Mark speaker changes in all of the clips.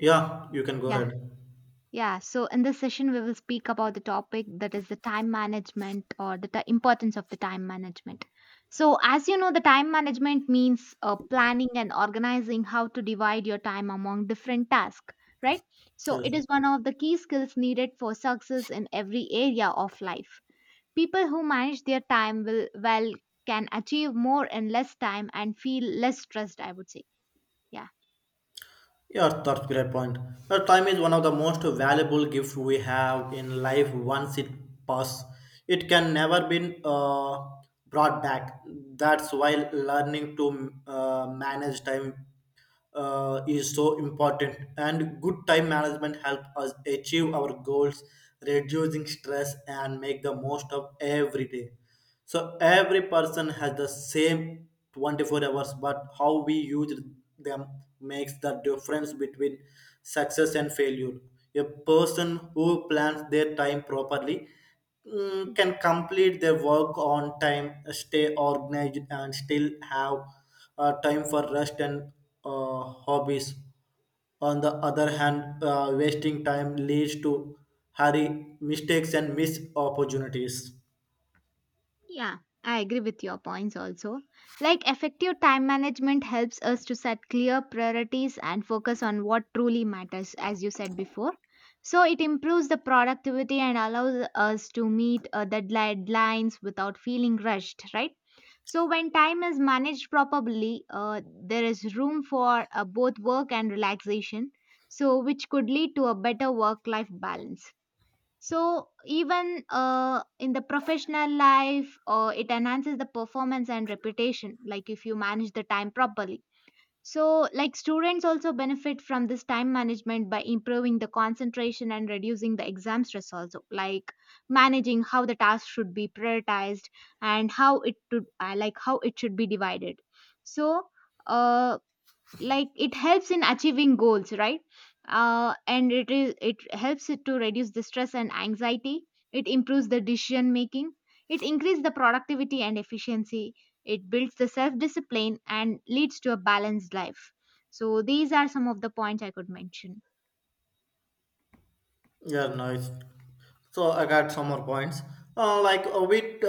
Speaker 1: Yeah, you can go
Speaker 2: Yeah,
Speaker 1: ahead.
Speaker 2: yeah. So in this session, we will speak about the topic that is the time management or importance of the time management. So, as you know, the time management means planning and organizing how to divide your time among different tasks, right? So, it
Speaker 1: Yes.
Speaker 2: is one of the key skills needed for success in every area of life. People who manage their time will well can achieve more in less time and feel less stressed, I would say. Yeah.
Speaker 1: Yeah, that's great point. Well, time is one of the most valuable gifts we have in life once it passes. It can never be brought back. That's why learning to manage time is so important. And good time management helps us achieve our goals, reducing stress and make the most of every day. So every person has the same 24 hours, but how we use them makes the difference between success and failure. A person who plans their time properly can complete their work on time, stay organized, and still have time for rest and hobbies. On the other hand, wasting time leads to hurry, mistakes, and missed opportunities.
Speaker 2: Yeah, I agree with your points also. Like effective time management helps us to set clear priorities and focus on what truly matters, as you said before. So it improves the productivity and allows us to meet the deadlines without feeling rushed, right? So when time is managed properly, there is room for both work and relaxation. So which could lead to a better work-life balance. So even in the professional life, it enhances the performance and reputation. Like if you manage the time properly. So like students also benefit from this time management by improving the concentration and reducing the exam stress also. Like managing how the task should be prioritized and how it should like how it should be divided. So. Uh, like it helps in achieving goals, right? And it helps it to reduce the stress and anxiety. It improves the decision making. It increases the productivity and efficiency. It builds the self discipline and leads to a balanced life. So these are some of the points I could mention.
Speaker 1: Yeah, nice. So I got some more points. Like we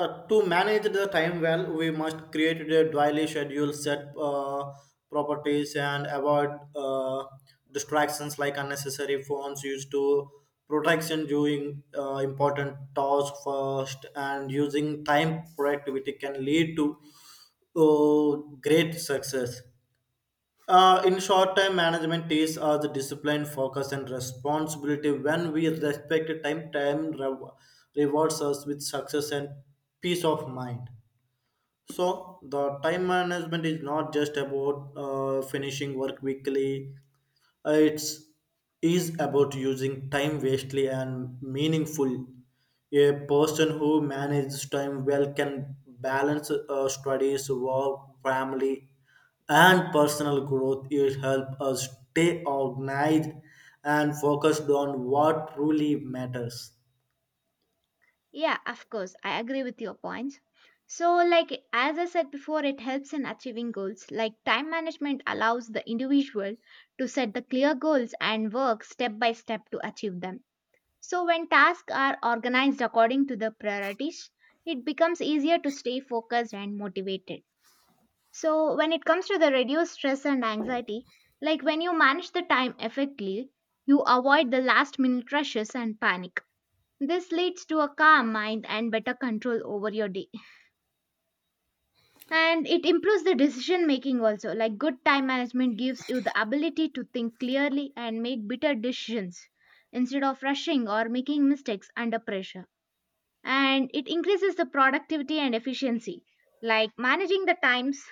Speaker 1: To manage the time well, we must create a daily schedule, set properties, and avoid distractions like unnecessary phones used to protection during important task first and using time productivity can lead to great success in short time management is the discipline, focus, and responsibility. When we respect time, rewards us with success and peace of mind. So, the time management is not just about finishing work quickly, it's is about using time wastely and meaningful. A person who manages time well can balance studies, work, family, and personal growth. It helps us stay organized and focused on what truly matters.
Speaker 2: Yeah, of course. I agree with your points. So, like, as I said before, it helps in achieving goals. Like, time management allows the individual to set the clear goals and work step by step to achieve them. So, when tasks are organized according to the priorities, it becomes easier to stay focused and motivated. So, when it comes to the reduced stress and anxiety, like when you manage the time effectively, you avoid the last minute rushes and panic. This leads to a calm mind and better control over your day. And it improves the decision making also. Like good time management gives you the ability to think clearly and make better decisions instead of rushing or making mistakes under pressure. And it increases the productivity and efficiency. Like managing the times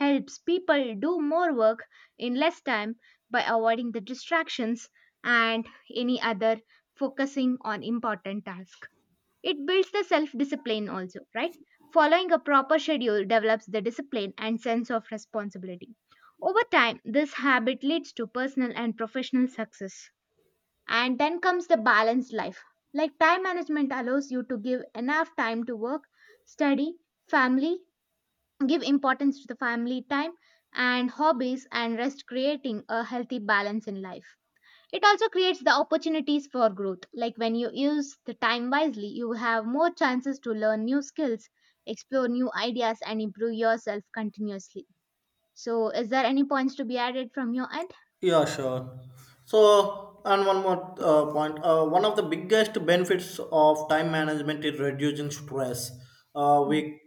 Speaker 2: helps people do more work in less time by avoiding the distractions and any other, focusing on important tasks. It builds the self discipline also, right? Following a proper schedule develops the discipline and sense of responsibility. Over time, this habit leads to personal and professional success. And then comes the balanced life. Like time management allows you to give enough time to work, study, family, give importance to the family time and hobbies and rest, creating a healthy balance in life. It also creates the opportunities for growth. Like when you use the time wisely, you have more chances to learn new skills, explore new ideas, and improve yourself continuously. So, is there any points to be added from your end?
Speaker 1: Yeah, sure. So, and one more point. One of the biggest benefits of time management is reducing stress.
Speaker 2: Mm.
Speaker 1: We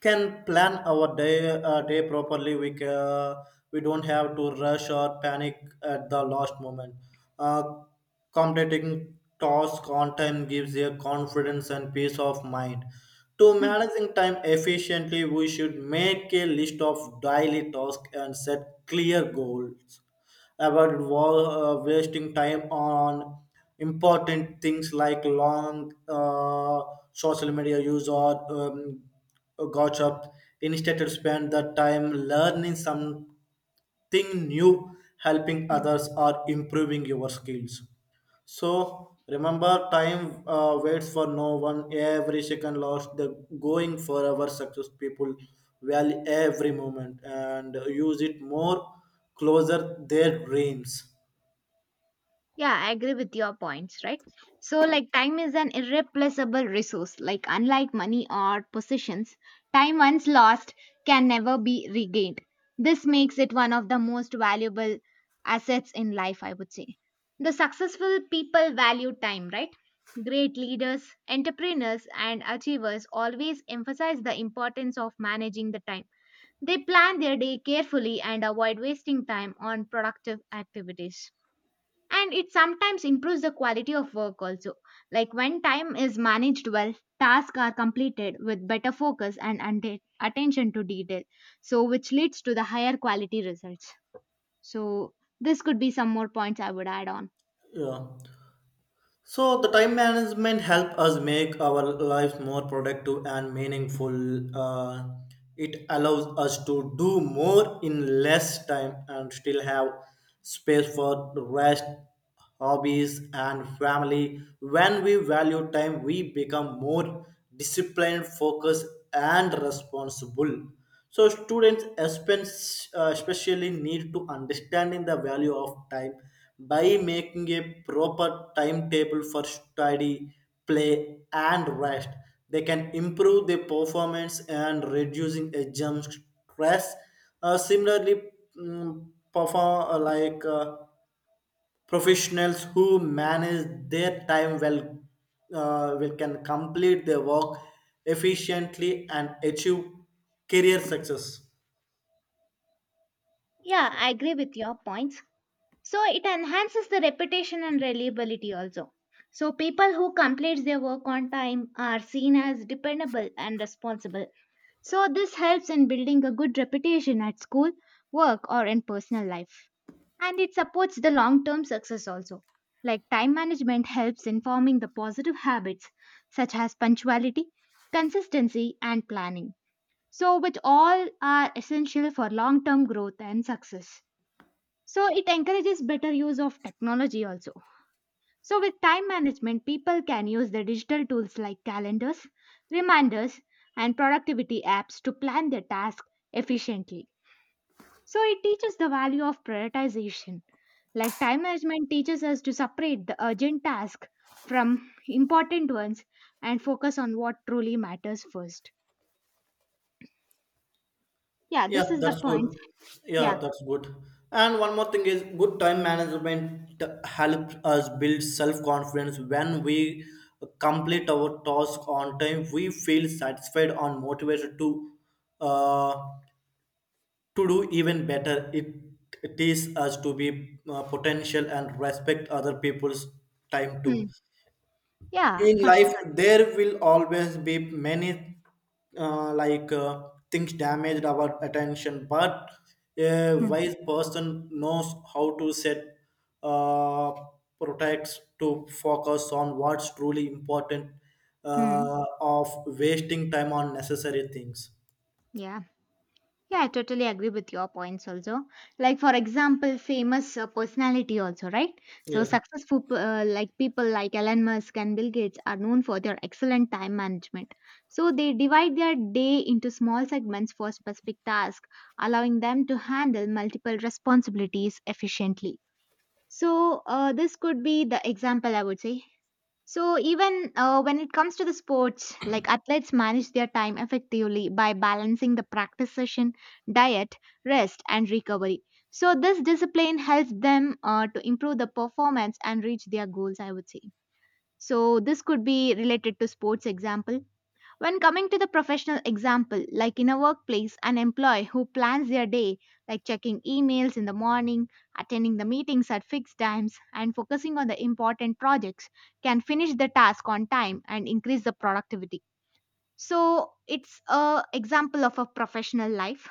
Speaker 1: can plan our day day properly, we don't have to rush or panic at the last moment. uh, Completing tasks on time gives a confidence and peace of mind. To
Speaker 2: Hmm.
Speaker 1: managing time efficiently, we should make a list of daily tasks and set clear goals, avoid wasting time on important things like long social media use or gossip. Instead, to spend the time learning something new, helping others, or improving your skills. So remember, time waits for no one. Every second lost, the going for our success people value every moment and use it more closer their dreams.
Speaker 2: Yeah, I agree with your points, right? So, like, time is an irreplaceable resource. Like, unlike money or possessions, time once lost can never be regained. This makes it one of the most valuable assets in life, I would say. The successful people value time, right? Great leaders, entrepreneurs, and achievers always emphasize the importance of managing the time. They plan their day carefully and avoid wasting time on productive activities. And it sometimes improves the quality of work also. Like when time is managed well, tasks are completed with better focus and attention to detail. So which leads to the higher quality results. So this could be some more points I would add on.
Speaker 1: Yeah. So the time management help us make our lives more productive and meaningful. Uh, it allows us to do more in less time and still have space for rest, hobbies, and family. When we value time, we become more disciplined, focused, and responsible. So students especially need to understanding the value of time by making a proper timetable for study, play, and rest. They can improve their performance and reducing exam stress. Similarly, mm, perform like professionals who manage their time well will can complete their work efficiently and achieve career success.
Speaker 2: Yeah, I agree with your points. So it enhances the reputation and reliability also. So people who complete their work on time are seen as dependable and responsible. So, this helps in building a good reputation at school, work, or in personal life. And it supports the long term success also. Like time management helps in forming the positive habits such as punctuality, consistency, and planning. So, which all are essential for long term growth and success. So, it encourages better use of technology also. So, with time management, people can use the digital tools like calendars, reminders, and productivity apps to plan their tasks efficiently. So, it teaches the value of prioritization. Like time management teaches us to separate the urgent tasks from important ones and focus on what truly matters first. Yeah,
Speaker 1: Yeah,
Speaker 2: this is the
Speaker 1: that's
Speaker 2: point.
Speaker 1: good.
Speaker 2: Yeah.
Speaker 1: Yeah, that's good. And one more thing is good time management helps us build self-confidence. When we complete our task on time, we feel satisfied and motivated uh, to do even better. It teaches us to be potential and respect other people's time too.
Speaker 2: Hmm. Yeah,
Speaker 1: In
Speaker 2: for
Speaker 1: life
Speaker 2: sure.
Speaker 1: there will always be many things damaged our attention, but a
Speaker 2: Hmm.
Speaker 1: wise person knows how to set uh, protects to focus on what's truly important
Speaker 2: Hmm.
Speaker 1: of wasting time on necessary things.
Speaker 2: Yeah. Yeah, I totally agree with your points also. Like for example, famous personality also, right? So
Speaker 1: Yes.
Speaker 2: successful like people like Elon Musk and Bill Gates are known for their excellent time management. So they divide their day into small segments for specific tasks, allowing them to handle multiple responsibilities efficiently. So this could be the example I would say. So, even when it comes to the sports, like athletes manage their time effectively by balancing the practice session, diet, rest, and recovery. So, this discipline helps them to improve the performance and reach their goals, I would say. So this could be related to sports example. When coming to the professional example, like in a workplace, an employee who plans their day, like checking emails in the morning, attending the meetings at fixed times, and focusing on the important projects, can finish the task on time and increase the productivity. So it's a example of a professional life.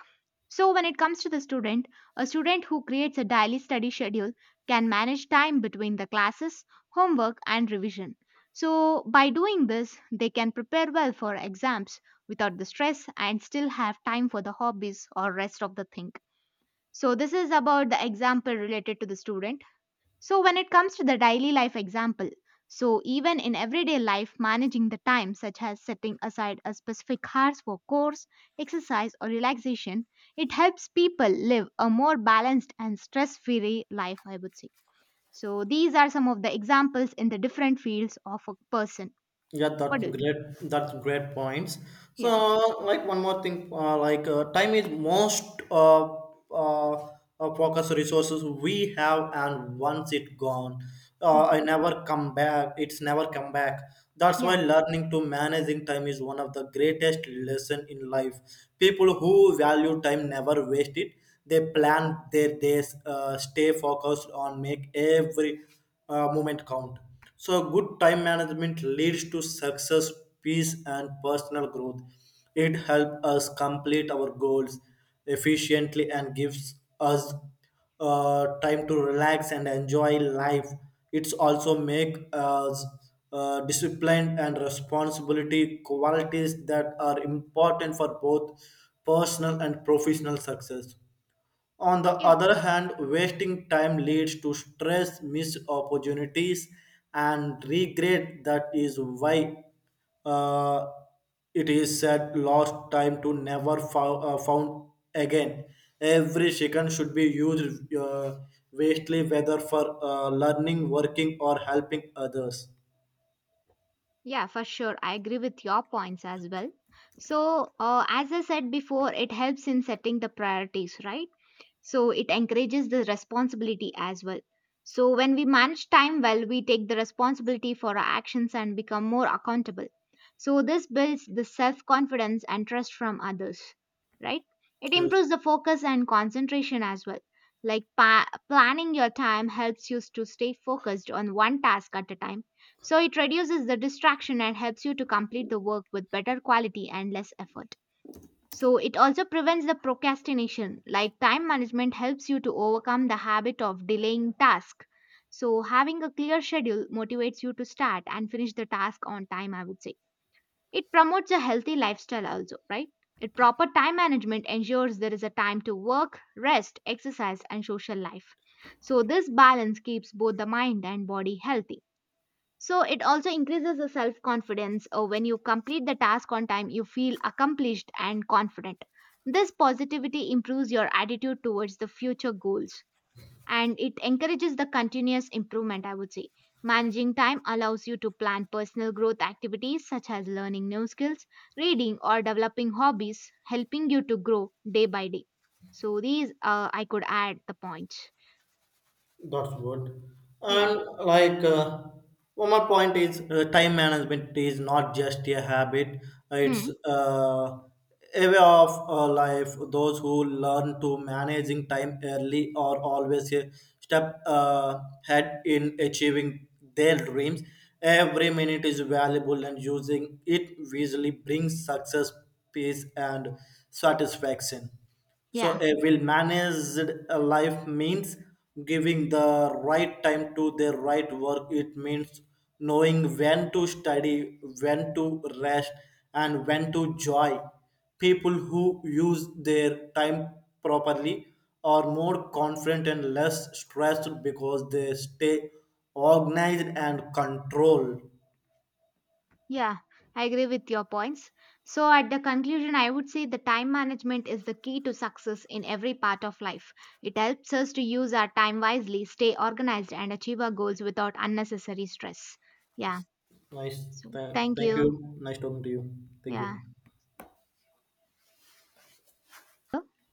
Speaker 2: So when it comes to the student, a student who creates a daily study schedule can manage time between the classes, homework and revision. So by doing this they can prepare well for exams without the stress and still have time for the hobbies or rest of the thing. So this is about the example related to the student. So, when it comes to the daily life example, so even in everyday life, managing the time, such as setting aside a specific hours for course, exercise, or relaxation, it helps people live a more balanced and stress free life, I would say. So, these are some of the examples in the different fields of a person.
Speaker 1: Yeah,
Speaker 2: What
Speaker 1: that's
Speaker 2: do you?
Speaker 1: great. That's great points. So,
Speaker 2: Yeah.
Speaker 1: like one more thing, time is most uh, focus resources we have, and once it gone,
Speaker 2: Hmm.
Speaker 1: I never come back. It's never come back. That's
Speaker 2: Yeah.
Speaker 1: why learning to managing time is one of the greatest lesson in life. People who value time never waste it. They plan their days, stay focused on make every moment count. So, good time management leads to success, peace, and personal growth. It helps us complete our goals efficiently and gives us time to relax and enjoy life. It's also make us discipline and responsibility qualities that are important for both personal and professional success. On the
Speaker 2: Yeah.
Speaker 1: other hand, wasting time leads to stress, missed opportunities, and regret. That is why uh, it is said lost time to never found again. Every second should be used wastely, whether for learning, working, or helping others.
Speaker 2: Yeah, for sure. I agree with your points as well. So, as I said before, it helps in setting the priorities, right? So it encourages the responsibility as well. So when we manage time well we take the responsibility for our actions and become more accountable. So this builds the self confidence and trust from others, right? It improves the focus and concentration as well. Like planning your time helps you to stay focused on one task at a time. So it reduces the distraction and helps you to complete the work with better quality and less effort. So it also prevents the procrastination. Like time management helps you to overcome the habit of delaying task. So having a clear schedule motivates you to start and finish the task on time, I would say. It promotes a healthy lifestyle also, right? It proper time management ensures there is a time to work, rest, exercise and social life. So this balance keeps both the mind and body healthy. So it also increases the self confidence. When you complete the task on time, you feel accomplished and confident. This positivity improves your attitude towards the future goals and it encourages the continuous improvement, I would say. Managing time allows you to plan personal growth activities such as learning new skills, reading, or developing hobbies, helping you to grow day by day. So, these I could add the points.
Speaker 1: That's good.
Speaker 2: Yeah.
Speaker 1: And like one more point is time management is not just a habit;
Speaker 2: Hmm.
Speaker 1: it's a way of life. Those who learn to managing time early are always a step ahead in achieving their dreams. Every minute is valuable, and using it wisely brings success, peace, and satisfaction. So,
Speaker 2: Yeah.
Speaker 1: a well managed life means giving the right time to their right work. It means knowing when to study, when to rest, and when to joy. People who use their time properly are more confident and less stressed because they stay organized and controlled.
Speaker 2: Yeah, I agree with your points. So, at the conclusion, I would say the time management is the key to success in every part of life. It helps us to use our time wisely, stay organized, and achieve our goals without unnecessary stress. Yeah.
Speaker 1: Nice.
Speaker 2: So, thank
Speaker 1: Thank you.
Speaker 2: you.
Speaker 1: Nice talking to you. Thank you.
Speaker 2: Yeah.